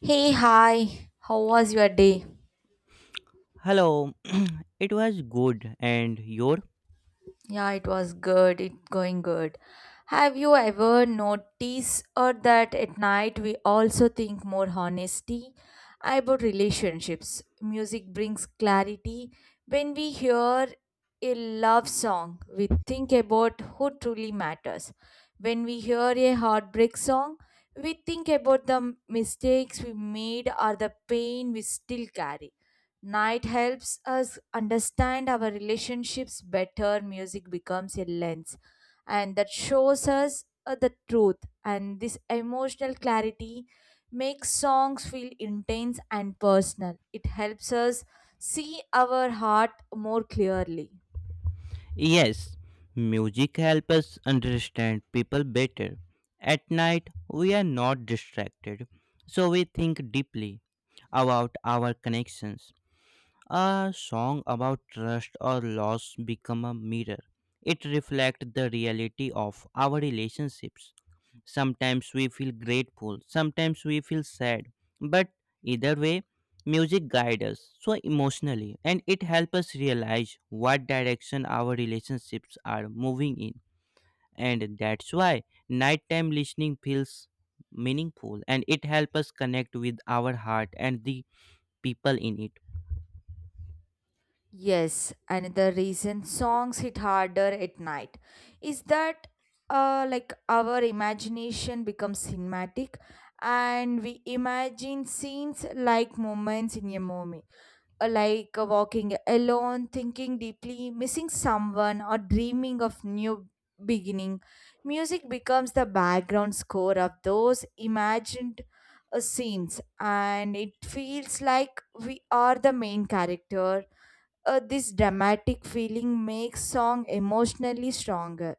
Hey, hi. How was your day? Hello, it was good, and your? Yeah, it was good. It going good. Have you ever noticed or that at night we also think more honesty about relationships? Music brings clarity. When we hear a love song, we think about who truly matters. When we hear a heartbreak song, we think about the mistakes we made or the pain we still carry. Night helps us understand our relationships better. Music becomes a lens, and that shows us the truth. And this emotional clarity makes songs feel intense and personal. It helps us see our heart more clearly. Yes, music helps us understand people better. At night, we are not distracted, so we think deeply about our connections. A song about trust or loss become a mirror. It reflects the reality of our relationships. Sometimes we feel grateful, sometimes we feel sad. But either way, music guides us so emotionally and it helps us realize what direction our relationships are moving in. And that's why nighttime listening feels meaningful and it helps us connect with our heart and the people in it. Yes, another reason songs hit harder at night is that like our imagination becomes cinematic and we imagine scenes like moments in a movie. Like walking alone, thinking deeply, missing someone, or dreaming of new beginning. Music becomes the background score of those imagined scenes, and it feels like we are the main character. This dramatic feeling makes song emotionally stronger.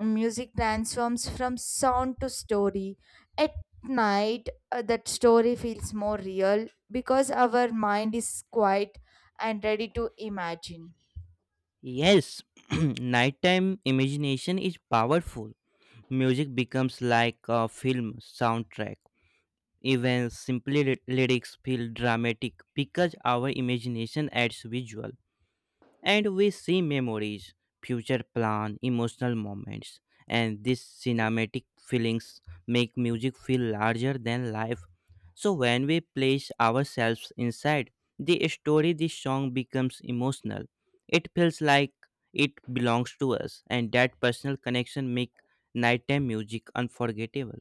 Music transforms from sound to story. At night, that story feels more real because our mind is quiet and ready to imagine. Yes, nighttime imagination is powerful. Music becomes like a film soundtrack. Even lyrics feel dramatic because our imagination adds visual and we see memories, future plan, emotional moments. And these cinematic feelings make music feel larger than life. So when we place ourselves inside the story, the song becomes emotional. It feels like it belongs to us, and that personal connection make nighttime music unforgettable.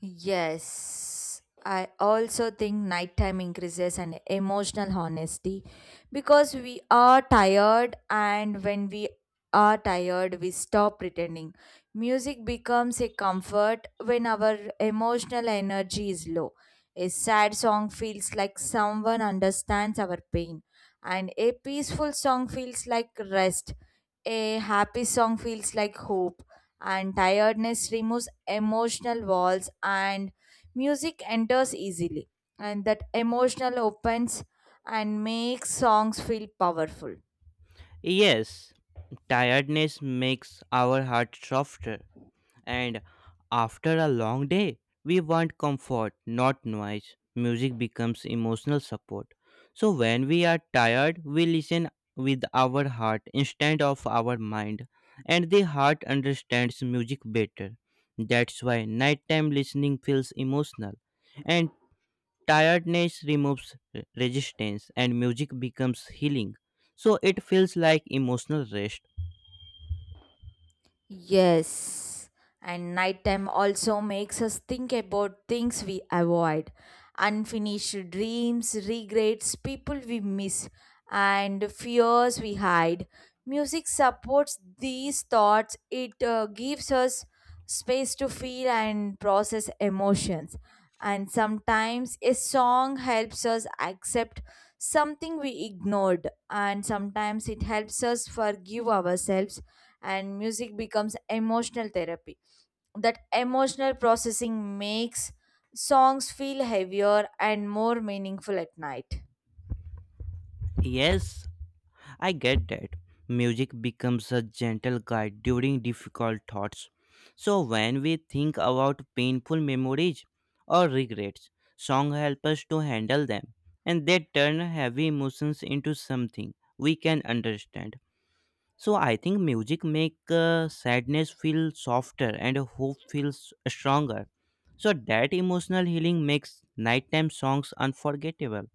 Yes, I also think nighttime increases an emotional honesty because we are tired, and when we are tired, we stop pretending. Music becomes a comfort when our emotional energy is low. A sad song feels like someone understands our pain, and a peaceful song feels like rest. A happy song feels like hope, and tiredness removes emotional walls, and music enters easily, and that emotional opens and makes songs feel powerful. Yes, tiredness makes our heart softer, and after a long day, we want comfort, not noise. Music becomes emotional support. So, when we are tired, we listen with our heart instead of our mind, and the heart understands music better. That's why nighttime listening feels emotional, and tiredness removes resistance, and music becomes healing. So, it feels like emotional rest. Yes, and nighttime also makes us think about things we avoid: unfinished dreams, regrets, people we miss, and fears we hide. Music supports these thoughts. It gives us space to feel and process emotions. And sometimes a song helps us accept something we ignored, and sometimes it helps us forgive ourselves. And music becomes emotional therapy. That emotional processing makes songs feel heavier and more meaningful at night. Yes, I get that. Music becomes a gentle guide during difficult thoughts. So when we think about painful memories or regrets, songs help us to handle them and they turn heavy emotions into something we can understand. So I think music make sadness feel softer and hope feels stronger. So that emotional healing makes nighttime songs unforgettable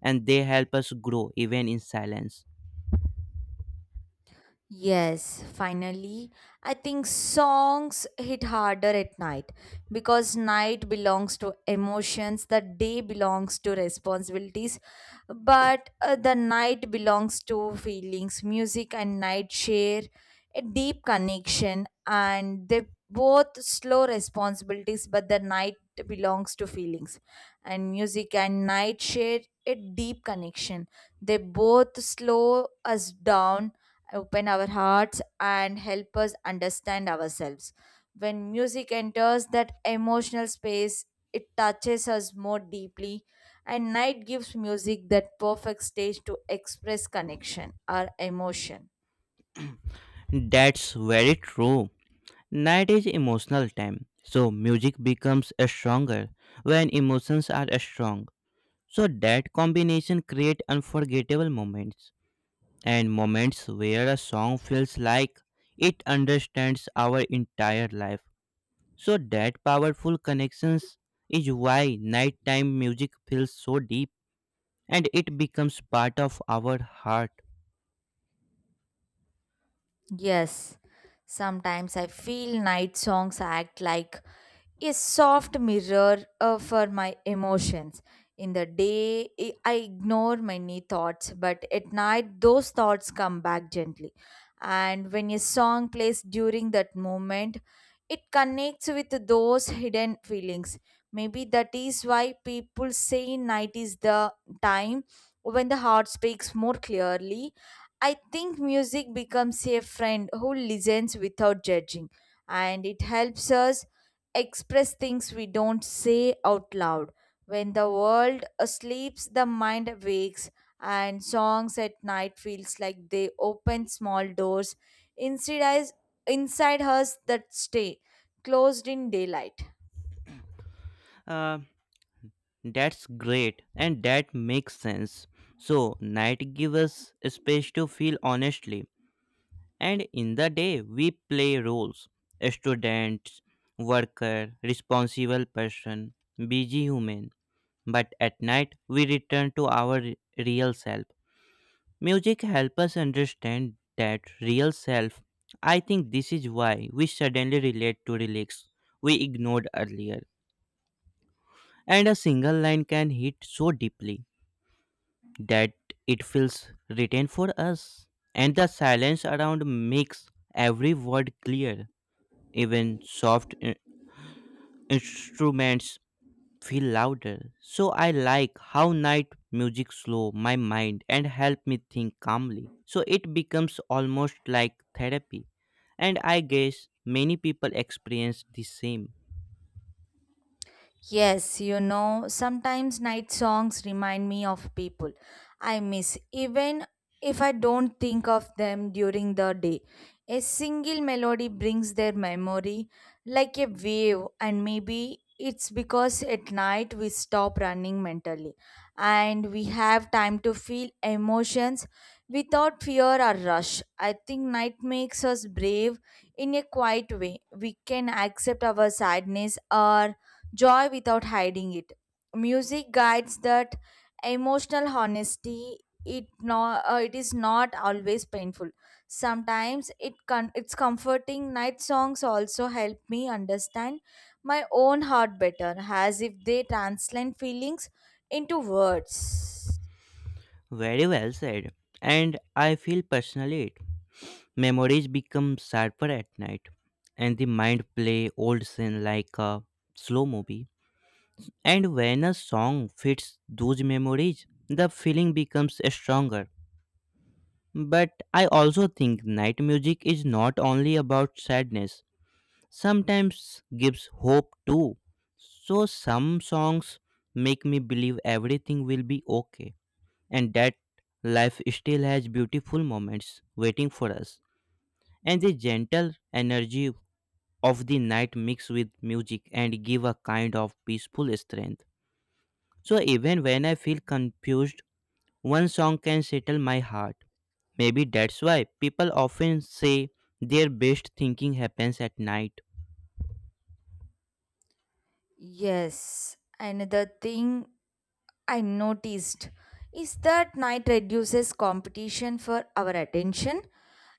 and they help us grow even in silence. Yes, finally. I think songs hit harder at night because night belongs to emotions, the day belongs to responsibilities, but the night belongs to feelings. Music and night share a deep connection, and they both slow responsibilities, but the night belongs to feelings. And music and night share a deep connection. They both slow us down, open our hearts, and help us understand ourselves. When music enters that emotional space, it touches us more deeply, and night gives music that perfect stage to express connection or emotion. That's very true. Night is emotional time, so music becomes stronger when emotions are strong. So that combination create unforgettable moments and moments where a song feels like it understands our entire life. So that powerful connections is why nighttime music feels so deep and it becomes part of our heart. Yes, sometimes I feel night songs act like a soft mirror for my emotions. In the day, I ignore many thoughts, but at night, those thoughts come back gently. And when a song plays during that moment, it connects with those hidden feelings. Maybe that is why people say night is the time when the heart speaks more clearly. I think music becomes a friend who listens without judging, and it helps us express things we don't say out loud. When the world sleeps, the mind wakes, and songs at night feels like they open small doors inside us, inside us that stay closed in daylight. Uh, That's great, and that makes sense. So, night gives us space to feel honestly, and in the day, we play roles students, worker, responsible person, busy human. But at night, we return to our real self. Music helps us understand that real self. I think this is why we suddenly relate to lyrics we ignored earlier, and a single line can hit so deeply, that it feels written for us. And the silence around makes every word clear. Even instruments feel louder. So I like how night music slow my mind and help me think calmly. So it becomes almost like therapy. And I guess many people experience the same. Yes, you know, sometimes night songs remind me of people I miss, even if I don't think of them during the day. A single melody brings their memory like a wave, and maybe it's because at night we stop running mentally and we have time to feel emotions without fear or rush. I think night makes us brave in a quiet way. We can accept our sadness or joy without hiding it. Music guides that emotional honesty. It no, it is not always painful. Sometimes it's comforting. Night songs also help me understand my own heart better, as if they translate feelings into words. Very well said. And I feel personally it. Memories become sharper at night, and the mind play old scene like a slow movie. And when a song fits those memories, the feeling becomes stronger. But I also think night music is not only about sadness, sometimes gives hope too. So some songs make me believe everything will be okay and that life still has beautiful moments waiting for us and the gentle energy of the night mix with music and give a kind of peaceful strength. So even when I feel confused, one song can settle my heart. Maybe that's why people often say their best thinking happens at night. Yes, another thing I noticed is that night reduces competition for our attention.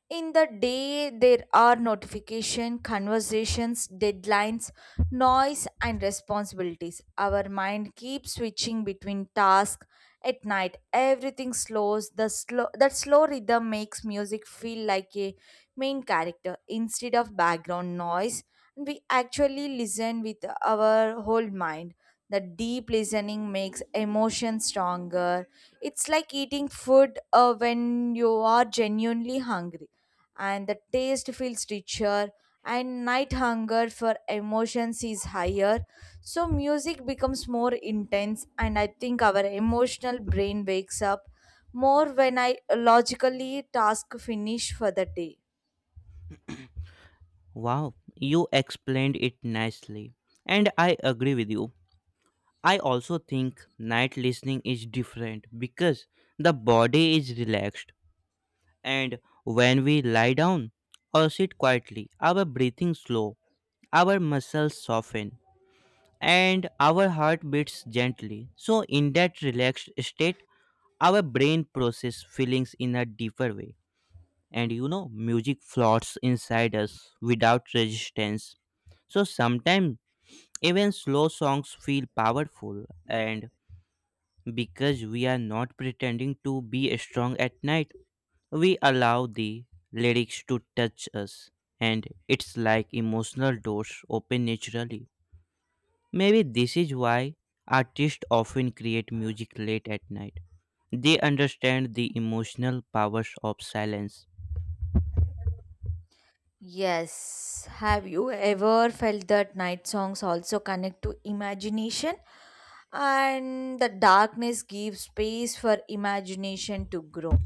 In the day, there are notification conversations, deadlines, noise and responsibilities. Our mind keeps switching between tasks. At night, everything slows. The slow That slow rhythm makes music feel like a main character instead of background noise, and we actually listen with our whole mind. The deep listening makes emotion stronger. It's like eating food when you are genuinely hungry, and the taste feels richer, and night hunger for emotions is higher. So, music becomes more intense, and I think our emotional brain wakes up more when I logically task finish for the day. Wow, you explained it nicely. And I agree with you. I also think night listening is different because the body is relaxed and when we lie down or sit quietly, our breathing slow, our muscles soften, and our heart beats gently. So, in that relaxed state, our brain processes feelings in a deeper way. And you know, music floats inside us without resistance. So, sometimes even slow songs feel powerful, and because we are not pretending to be strong at night, we allow the lyrics to touch us, and it's like emotional doors open naturally. Maybe this is why artists often create music late at night. They understand the emotional powers of silence. Yes. Have you ever felt that night songs also connect to imagination? And the darkness gives space for imagination to grow.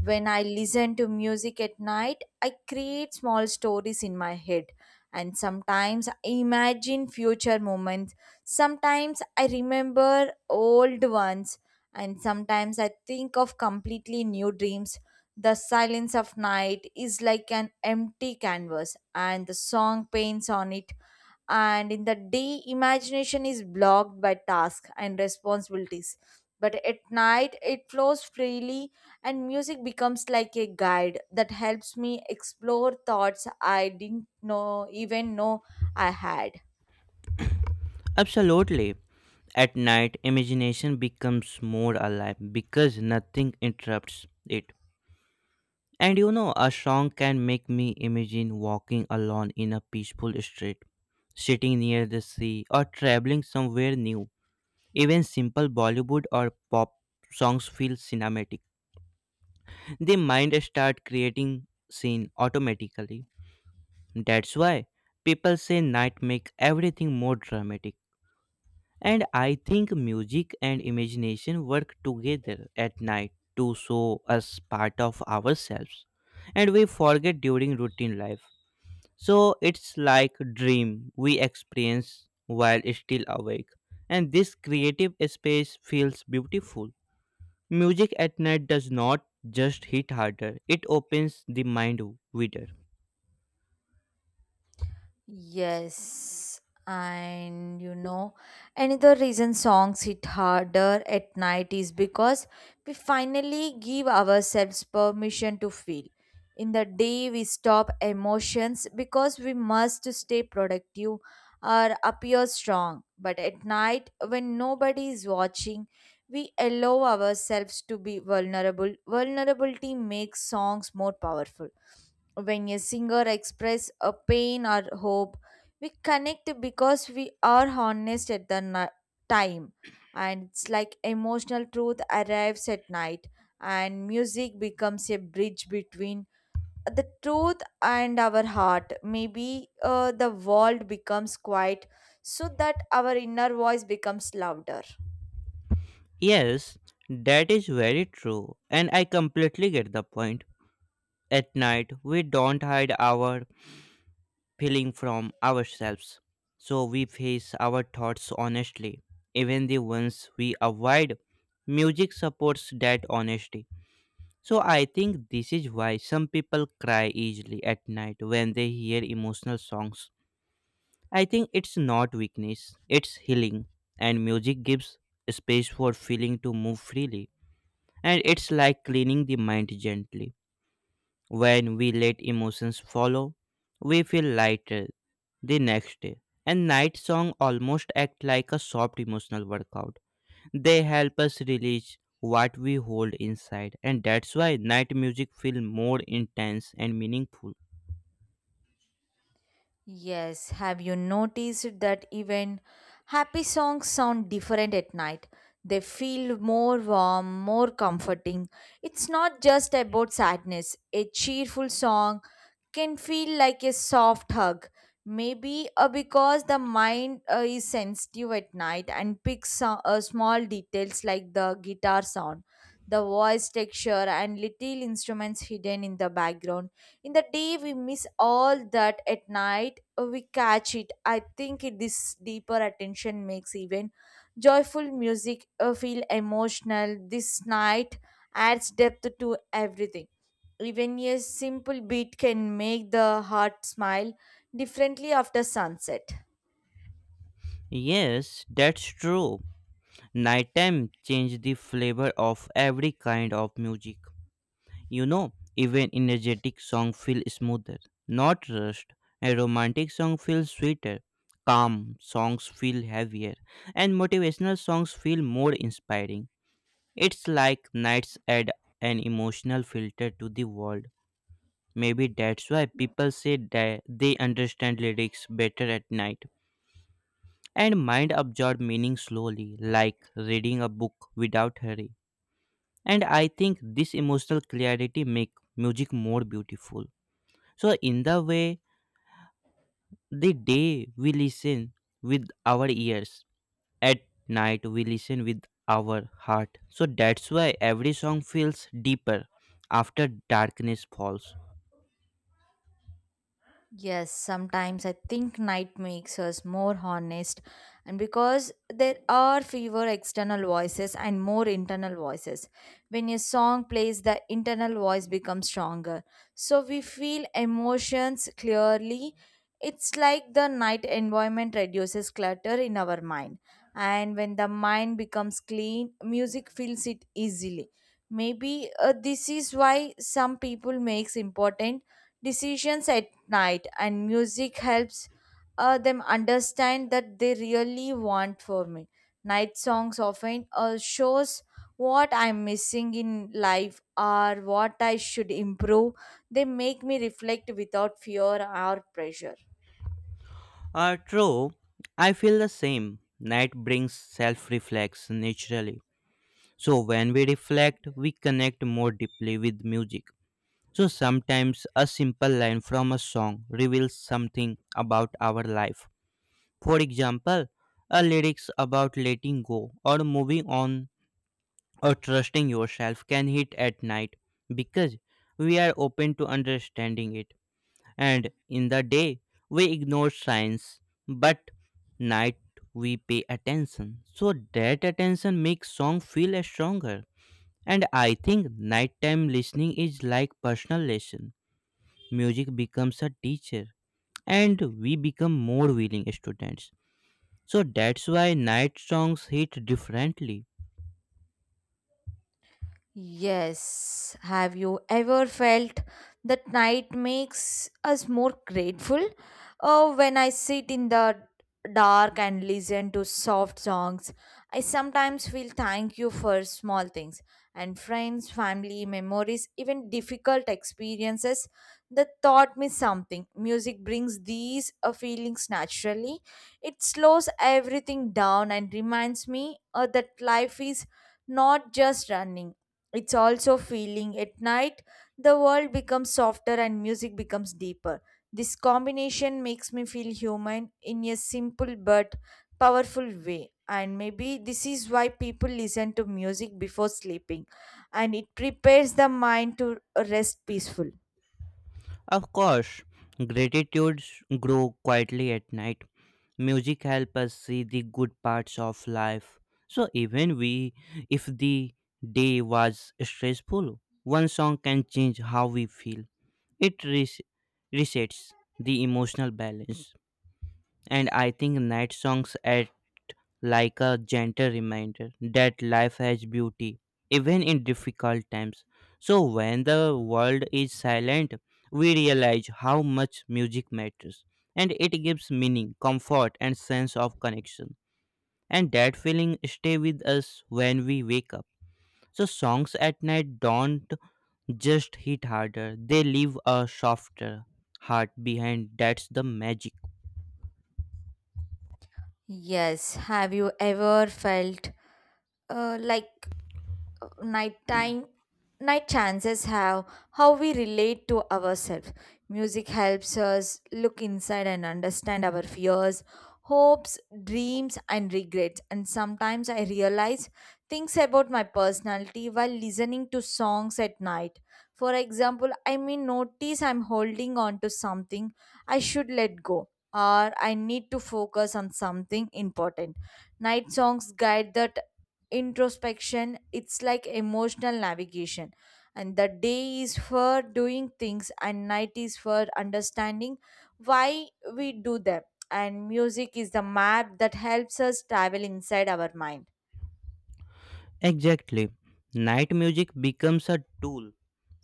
When I listen to music at night, I create small stories in my head, and sometimes I imagine future moments, sometimes I remember old ones, and sometimes I think of completely new dreams. The silence of night is like an empty canvas, and the song paints on it. And in the day, imagination is blocked by tasks and responsibilities, but at night it flows freely, and music becomes like a guide that helps me explore thoughts I didn't know even know I had. Absolutely. At night, imagination becomes more alive because nothing interrupts it. And you know, a song can make me imagine walking alone in a peaceful street, sitting near the sea, or traveling somewhere new. Even simple Bollywood or pop songs feel cinematic, the mind start creating scene automatically. That's why people say night make everything more dramatic, and I think music and imagination work together at night to show us part of ourselves and we forget during routine life. So it's like dream we experience while still awake, and this creative space feels beautiful. Music at night does not just hit harder, it opens the mind wider. Yes, and you know, another reason songs hit harder at night is because we finally give ourselves permission to feel. In the day, we stop emotions because we must stay productive or appear strong. But at night, when nobody is watching, we allow ourselves to be vulnerable. Vulnerability makes songs more powerful. When a singer express a pain or hope, we connect because we are honest at the time, and it's like emotional truth arrives at night, and music becomes a bridge between the truth and our heart. Maybe the world becomes quiet so that our inner voice becomes louder. Yes, that is very true, and I completely get the point. At night, we don't hide our feeling from ourselves, so we face our thoughts honestly, even the ones we avoid. Music supports that honesty. So I think this is why some people cry easily at night when they hear emotional songs. I think it's not weakness, it's healing. And music gives space for feeling to move freely. And it's like cleaning the mind gently. When we let emotions follow, we feel lighter the next day. And night song almost act like a soft emotional workout. They help us release what we hold inside and that's why night music feel more intense and meaningful. Yes, have you noticed that even happy songs sound different at night? They feel more warm, more comforting. It's not just about sadness. A cheerful song can feel like a soft hug. Maybe because the mind is sensitive at night and picks small details like the guitar sound, the voice texture, and little instruments hidden in the background. In the day, we miss all that. At night, we catch it. I think it, this deeper attention makes even joyful music feel emotional. This night adds depth to everything. Even a simple beat can make the heart smile differently after sunset. Yes, that's true. Nighttime changed the flavor of every kind of music. You know, even energetic song feel smoother, not rushed. A romantic song feels sweeter. Calm songs feel heavier, and motivational songs feel more inspiring. It's like nights add an emotional filter to the world. Maybe that's why people say that they understand lyrics better at night, and mind absorb meaning slowly, like reading a book without hurry. And I think this emotional clarity make music more beautiful. So in the way the day we listen with our ears, at night we listen with our heart. So that's why every song feels deeper after darkness falls. Yes, sometimes I think night makes us more honest, and because there are fewer external voices and more internal voices. When a song plays, the internal voice becomes stronger. So we feel emotions clearly. It's like the night environment reduces clutter in our mind, and when the mind becomes clean, music fills it easily. Maybe this is why some people makes important decisions at night, and music helps them understand that they really want for me. Night songs often shows what I'm missing in life or what I should improve. They make me reflect without fear or pressure. True, I feel the same. Night brings self reflex naturally. So when we reflect we connect more deeply with music. So sometimes a simple line from a song reveals something about our life. For example, a lyrics about letting go or moving on or trusting yourself can hit at night because we are open to understanding it. And in the day, we ignore signs, but night we pay attention. So that attention makes song feel stronger. And I think nighttime listening is like personal lesson. Music becomes a teacher and we become more willing students, so that's why night songs hit differently. Yes. Have you ever felt that night makes us more grateful? Oh, when I sit in the dark and listen to soft songs, I sometimes feel thank you for small things and friends, family, memories, even difficult experiences that taught me something. Music brings these feelings naturally. It slows everything down and reminds me that life is not just running, it's also feeling. At night, the world becomes softer and music becomes deeper. This combination makes me feel human in a simple but powerful way. And maybe this is why people listen to music before sleeping, and it prepares the mind to rest peaceful. Of course, gratitudes grow quietly at night. Music helps us see the good parts of life, so even we if the day was stressful, one song can change how we feel. It resets the emotional balance. And I think night songs at like a gentle reminder that life has beauty, even in difficult times. So, when the world is silent, we realize how much music matters, and it gives meaning, comfort, and sense of connection. And that feeling stay with us when we wake up. So songs at night don't just hit harder; they leave a softer heart behind. That's the magic. Yes, have you ever felt like nighttime night chances have how we relate to ourselves. Music helps us look inside and understand our fears, hopes, dreams and regrets, and sometimes I realize things about my personality while listening to songs at night. For example, I may notice I'm holding on to something I should let go, or I need to focus on something important. Night songs guide that introspection. It's like emotional navigation, and the day is for doing things and night is for understanding why we do them, and music is the map that helps us travel inside our mind. Exactly. Night music becomes a tool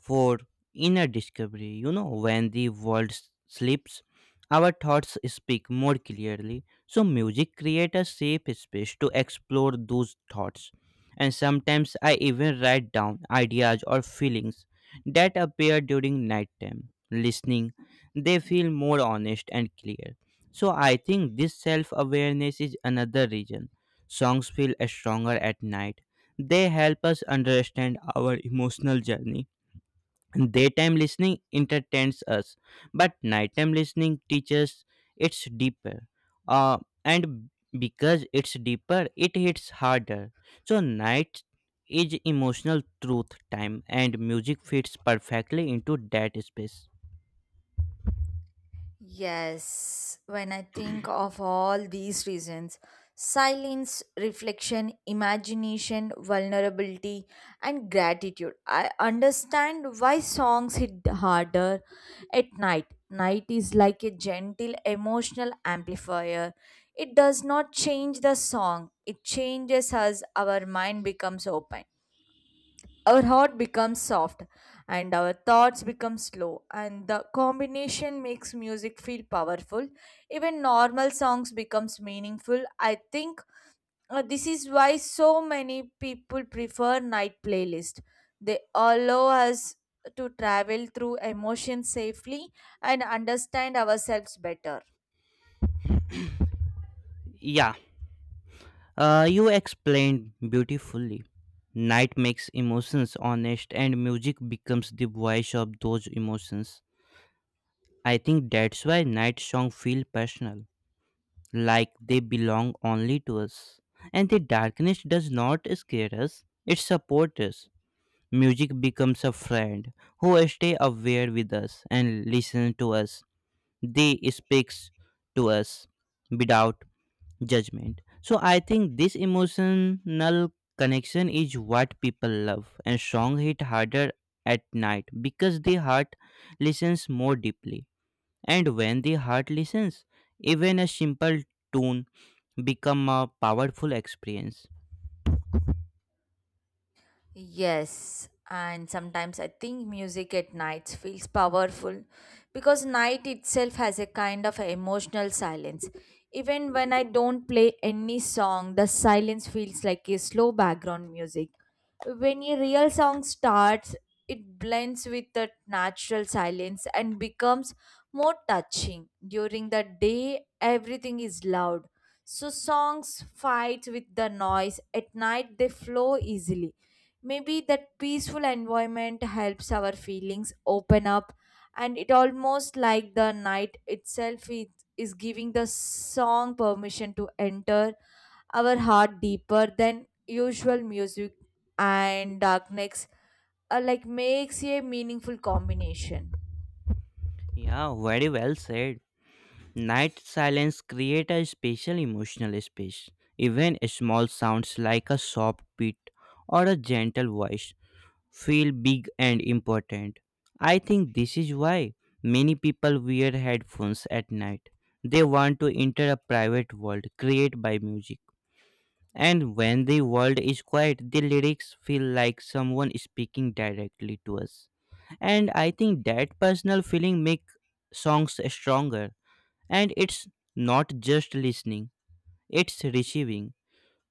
for inner discovery. You know, when the world sleeps, our thoughts speak more clearly. So, music creates a safe space to explore those thoughts. And sometimes I even write down ideas or feelings that appear during nighttime. Listening, they feel more honest and clear. So, I think this self awareness is another reason songs feel stronger at night. They help us understand our emotional journey. Daytime listening entertains us, but nighttime listening teaches, it's deeper. Uh, and because it's deeper, it hits harder. So, night is emotional truth time, and music fits perfectly into that space. Yes, when I think of all these reasons, silence, reflection, imagination, vulnerability, and gratitude, I understand why songs hit harder at night. Night is like a gentle emotional amplifier. It does not change the song, it changes us. Our mind becomes open, our heart becomes soft, and our thoughts become slow, and the combination makes music feel powerful. Even normal songs becomes meaningful. I think this is why so many people prefer night playlist. They allow us to travel through emotions safely and understand ourselves better. Yeah, you explained beautifully. Night makes emotions honest, and music becomes the voice of those emotions. I think that's why night songs feel personal, like they belong only to us. And the darkness does not scare us, it supports us. Music becomes a friend who stay aware with us and listen to us. They speaks to us without judgment. So I think this emotional connection is what people love and song hit harder at night because the heart listens more deeply, and when the heart listens, even a simple tune become a powerful experience. Yes, and sometimes I think music at nights feels powerful because night itself has a kind of emotional silence. Even when I don't play any song, the silence feels like a slow background music. When a real song starts, it blends with the natural silence and becomes more touching. During the day, everything is loud. So songs fight with the noise. At night, they flow easily. Maybe that peaceful environment helps our feelings open up, and it almost like the night itself is giving the song permission to enter our heart deeper than usual music and darkness, like makes a meaningful combination. Yeah, very well said. Night silence create a special emotional space. Even small sounds like a soft beat or a gentle voice feel big and important. I think this is why many people wear headphones at night. They want to enter a private world created by music. And when the world is quiet, the lyrics feel like someone speaking directly to us. And I think that personal feeling make songs stronger. And it's not just listening, it's receiving.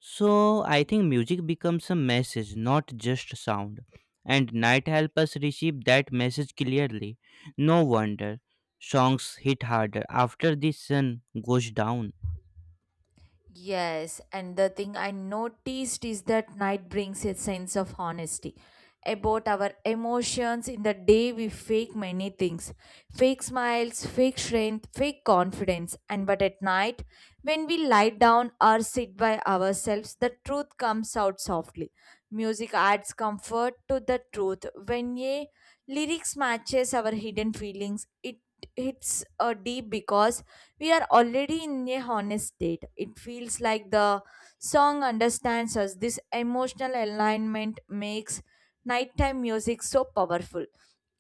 So I think music becomes a message, not just sound. And night help us receive that message clearly. No wonder songs hit harder after the sun goes down. Yes, and the thing I noticed is that night brings a sense of honesty about our emotions. In the day, we fake many things, fake smiles, fake strength, fake confidence. And but at night, when we lie down or sit by ourselves, the truth comes out softly. Music adds comfort to the truth. When a lyrics matches our hidden feelings, it hits a deep because we are already in a honest state. It feels like the song understands us. This emotional alignment makes nighttime music so powerful.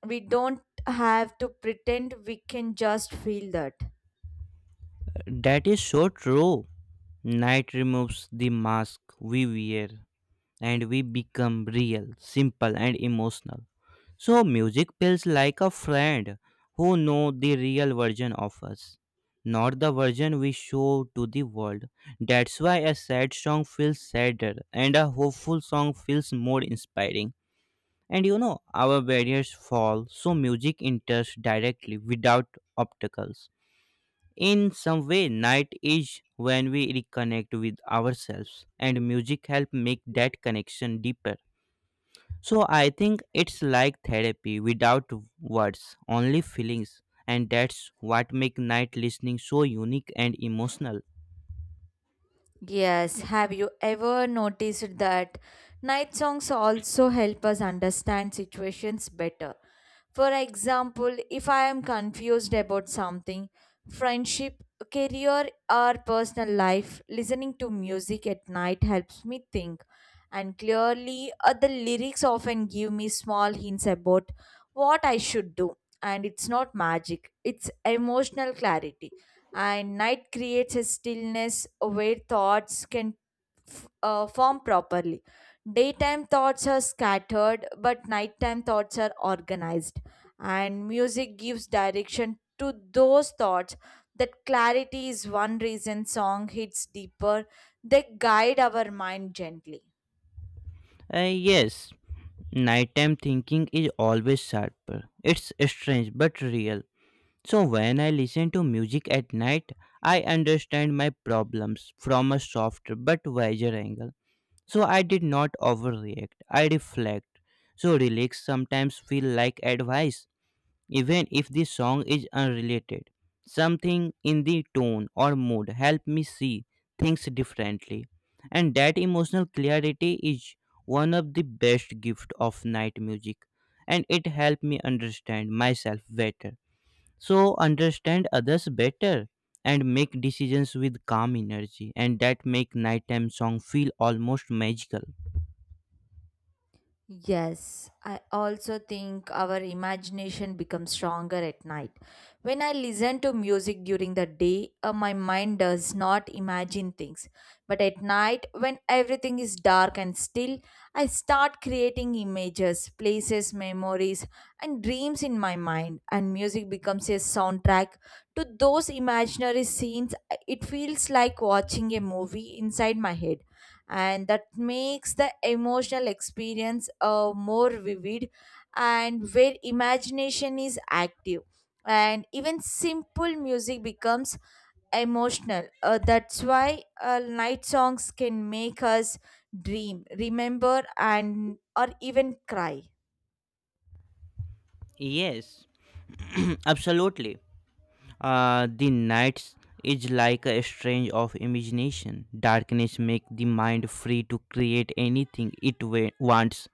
We don't have to pretend, we can just feel that. That is so true. Night removes the mask we wear and we become real, simple, and emotional. So music feels like a friend who know the real version of us, not the version we show to the world. That's why a sad song feels sadder and a hopeful song feels more inspiring. And you know, our barriers fall, so music enters directly without obstacles. In some way, night is when we reconnect with ourselves, and music help make that connection deeper. So I think it's like therapy without words, only feelings, and that's what make night listening so unique and emotional. Yes, have you ever noticed that night songs also help us understand situations better? For example, if I am confused about something, friendship, career, or personal life, listening to music at night helps me think. And clearly, the lyrics often give me small hints about what I should do. And it's not magic, it's emotional clarity, and night creates a stillness where thoughts can form properly. Daytime thoughts are scattered, but nighttime thoughts are organized, and music gives direction to those thoughts. That clarity is one reason song hits deeper. They guide our mind gently. Yes, nighttime thinking is always sharper. It's strange but real. So when I listen to music at night, I understand my problems from a softer but wiser angle. So I did not overreact. I reflect. So lyrics sometimes feel like advice, even if the song is unrelated. Something in the tone or mood helped me see things differently. And that emotional clarity is one of the best gift of night music. And it helped me understand myself better. So understand others better and make decisions with calm energy and that make nighttime song feel almost magical. Yes, I also think our imagination becomes stronger at night. When I listen to music during the day, my mind does not imagine things. But at night, when everything is dark and still, I start creating images, places, memories, and dreams in my mind. And music becomes a soundtrack to those imaginary scenes. It feels like watching a movie inside my head, and that makes the emotional experience more vivid, and where imagination is active and even simple music becomes emotional. That's why night songs can make us dream, remember, and or even cry. Yes, absolutely. The nights is like a strange of imagination. Darkness make the mind free to create anything wants.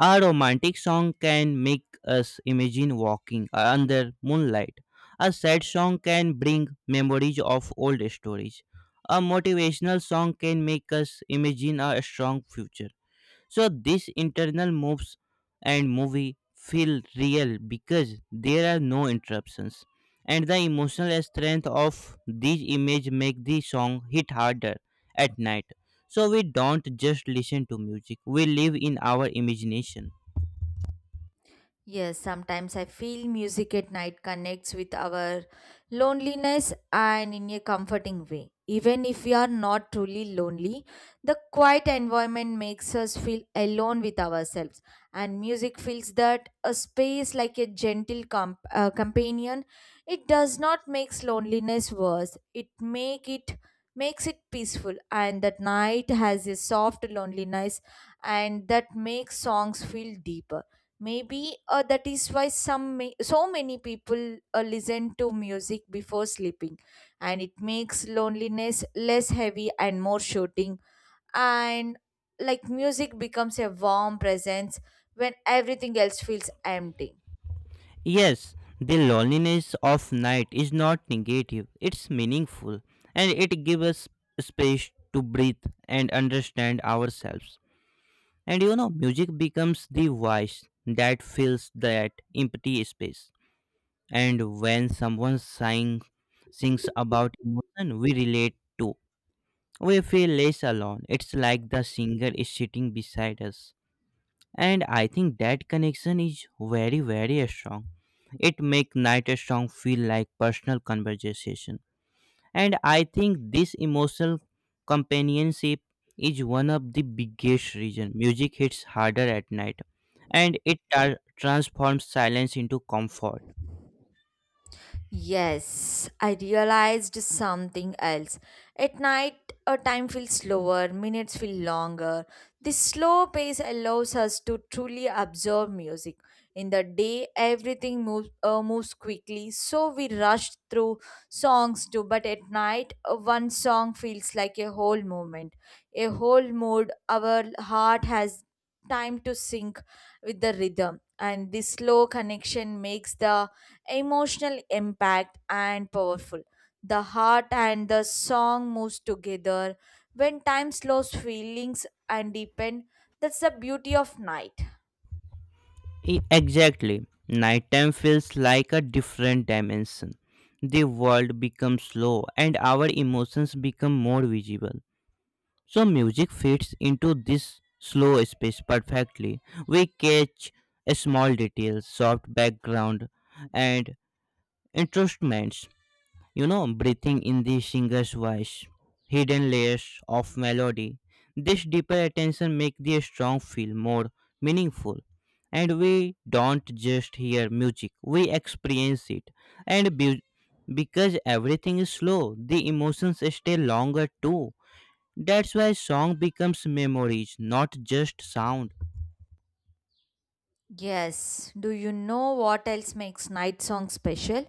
A romantic song can make us imagine walking under moonlight. A sad song can bring memories of old stories. A motivational song can make us imagine a strong future. So these internal moves and movie feel real because there are no interruptions. And the emotional strength of these images make the song hit harder at night. So we don't just listen to music, we live in our imagination. Yes, sometimes I feel music at night connects with our loneliness and in a comforting way. Even if we are not truly lonely, the quiet environment makes us feel alone with ourselves, and music fills that a space like a gentle companion. It does not makes loneliness worse. It makes it peaceful, and that night has a soft loneliness, and that makes songs feel deeper. Maybe that is why so many people listen to music before sleeping, and it makes loneliness less heavy and more shooting. And like music becomes a warm presence when everything else feels empty. Yes, the loneliness of night is not negative, it's meaningful and it gives us space to breathe and understand ourselves. And you know, music becomes the voice that fills that empty space. And when sings about emotion, we relate to. We feel less alone. It's like the singer is sitting beside us. And I think that connection is very, very strong. It makes night song feel like personal conversation. And I think this emotional companionship is one of the biggest reasons music hits harder at night and it transforms silence into comfort. Yes, I realized something else. At night, our time feels slower, minutes feel longer. This slow pace allows us to truly absorb music. In the day, everything moves quickly, so we rush through songs too. But at night, one song feels like a whole moment, a whole mood. Our heart has time to sync with the rhythm, and this slow connection makes the emotional impact and powerful. The heart and the song moves together. When time slows feelings and deepen, that's the beauty of night. Exactly. Nighttime feels like a different dimension. The world becomes slow and our emotions become more visible. So, music fits into this slow space perfectly. We catch small details, soft background, and instruments, you know, breathing in the singer's voice, hidden layers of melody. This deeper attention makes the song feel more meaningful. And we don't just hear music, we experience it. And because everything is slow, the emotions stay longer too. That's why song becomes memories, not just sound. Yes. Do you know what else makes night song special?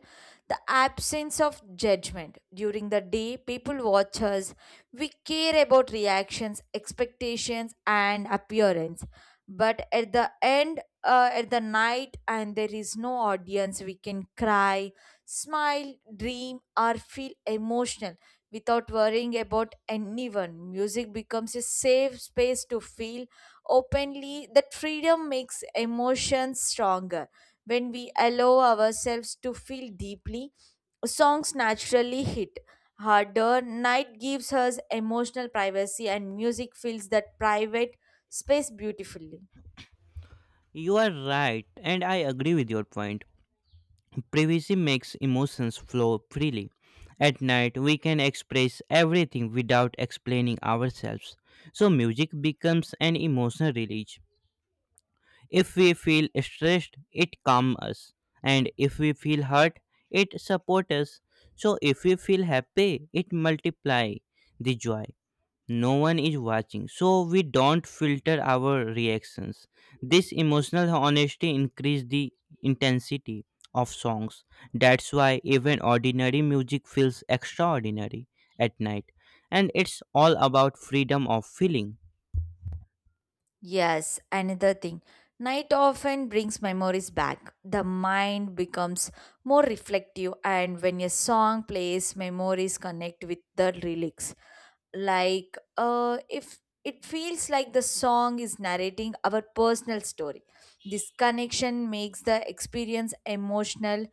The absence of judgment. During the day, people watch us. We care about reactions, expectations, and appearance. But at the end, at the night, and there is no audience, we can cry, smile, dream, or feel emotional without worrying about anyone. Music becomes a safe space to feel openly. That freedom makes emotions stronger. When we allow ourselves to feel deeply, songs naturally hit harder. Night gives us emotional privacy, and music fills that private space beautifully. You are right, and I agree with your point. Privacy makes emotions flow freely. At night, we can express everything without explaining ourselves. So, music becomes an emotional release. If we feel stressed, it calms us. And if we feel hurt, it supports us. So, if we feel happy, it multiplies the joy. No one is watching, so we don't filter our reactions. This emotional honesty increase the intensity of songs. That's why even ordinary music feels extraordinary at night, and it's all about freedom of feeling. Yes, another thing, night often brings memories back. The mind becomes more reflective, and when a song plays, memories connect with the lyrics. Like if it feels like the song is narrating our personal story, this connection makes the experience emotional,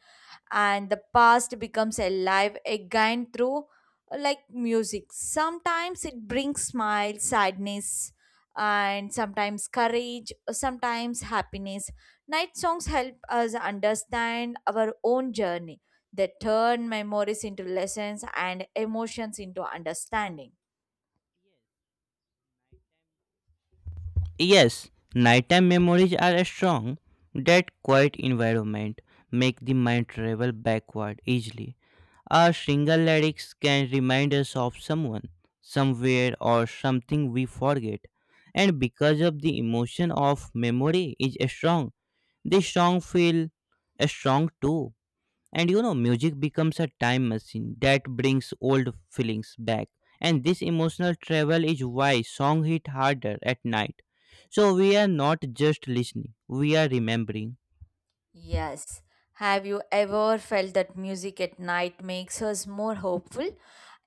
and the past becomes alive again through like music. Sometimes it brings smile, sadness, and sometimes courage, sometimes happiness. Night songs help us understand our own journey. They turn memories into lessons and emotions into understanding. Yes, nighttime memories are strong. That quiet environment make the mind travel backward easily. A single lyrics can remind us of someone, somewhere, or something we forget. And because of the emotion of memory is strong, the song feel strong too. And you know, music becomes a time machine that brings old feelings back. And this emotional travel is why song hit harder at night. So we are not just listening, we are remembering. Yes. Have you ever felt that music at night makes us more hopeful?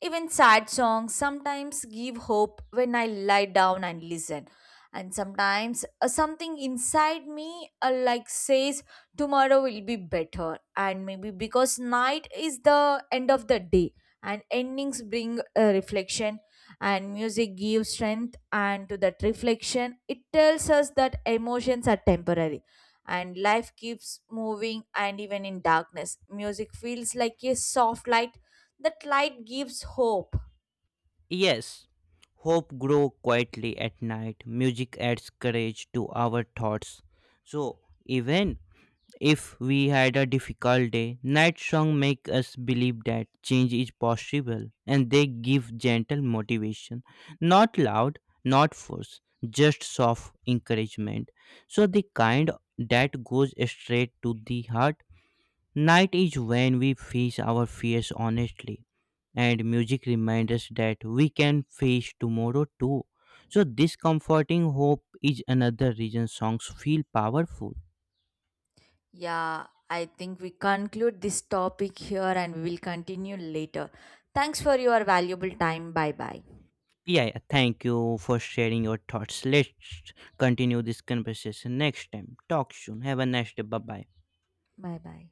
Even sad songs sometimes give hope when I lie down and listen. And sometimes something inside me like says tomorrow will be better, and maybe because night is the end of the day and endings bring a reflection, and music gives strength and to that reflection. It tells us that emotions are temporary and life keeps moving, and even in darkness music feels like a soft light. That light gives hope. Yes, hope grow quietly at night. Music adds courage to our thoughts. So even if we had a difficult day, night songs make us believe that change is possible and they give gentle motivation. Not loud, not force, just soft encouragement. So the kind that goes straight to the heart. Night is when we face our fears honestly, and music reminds us that we can face tomorrow too. So this comforting hope is another reason songs feel powerful. Yeah, I think we conclude this topic here and we will continue later. Thanks for your valuable time. Bye bye, Yeah, yeah, thank you for sharing your thoughts. Let's continue this conversation next time. Talk soon. Have a nice day. Bye bye. bye bye.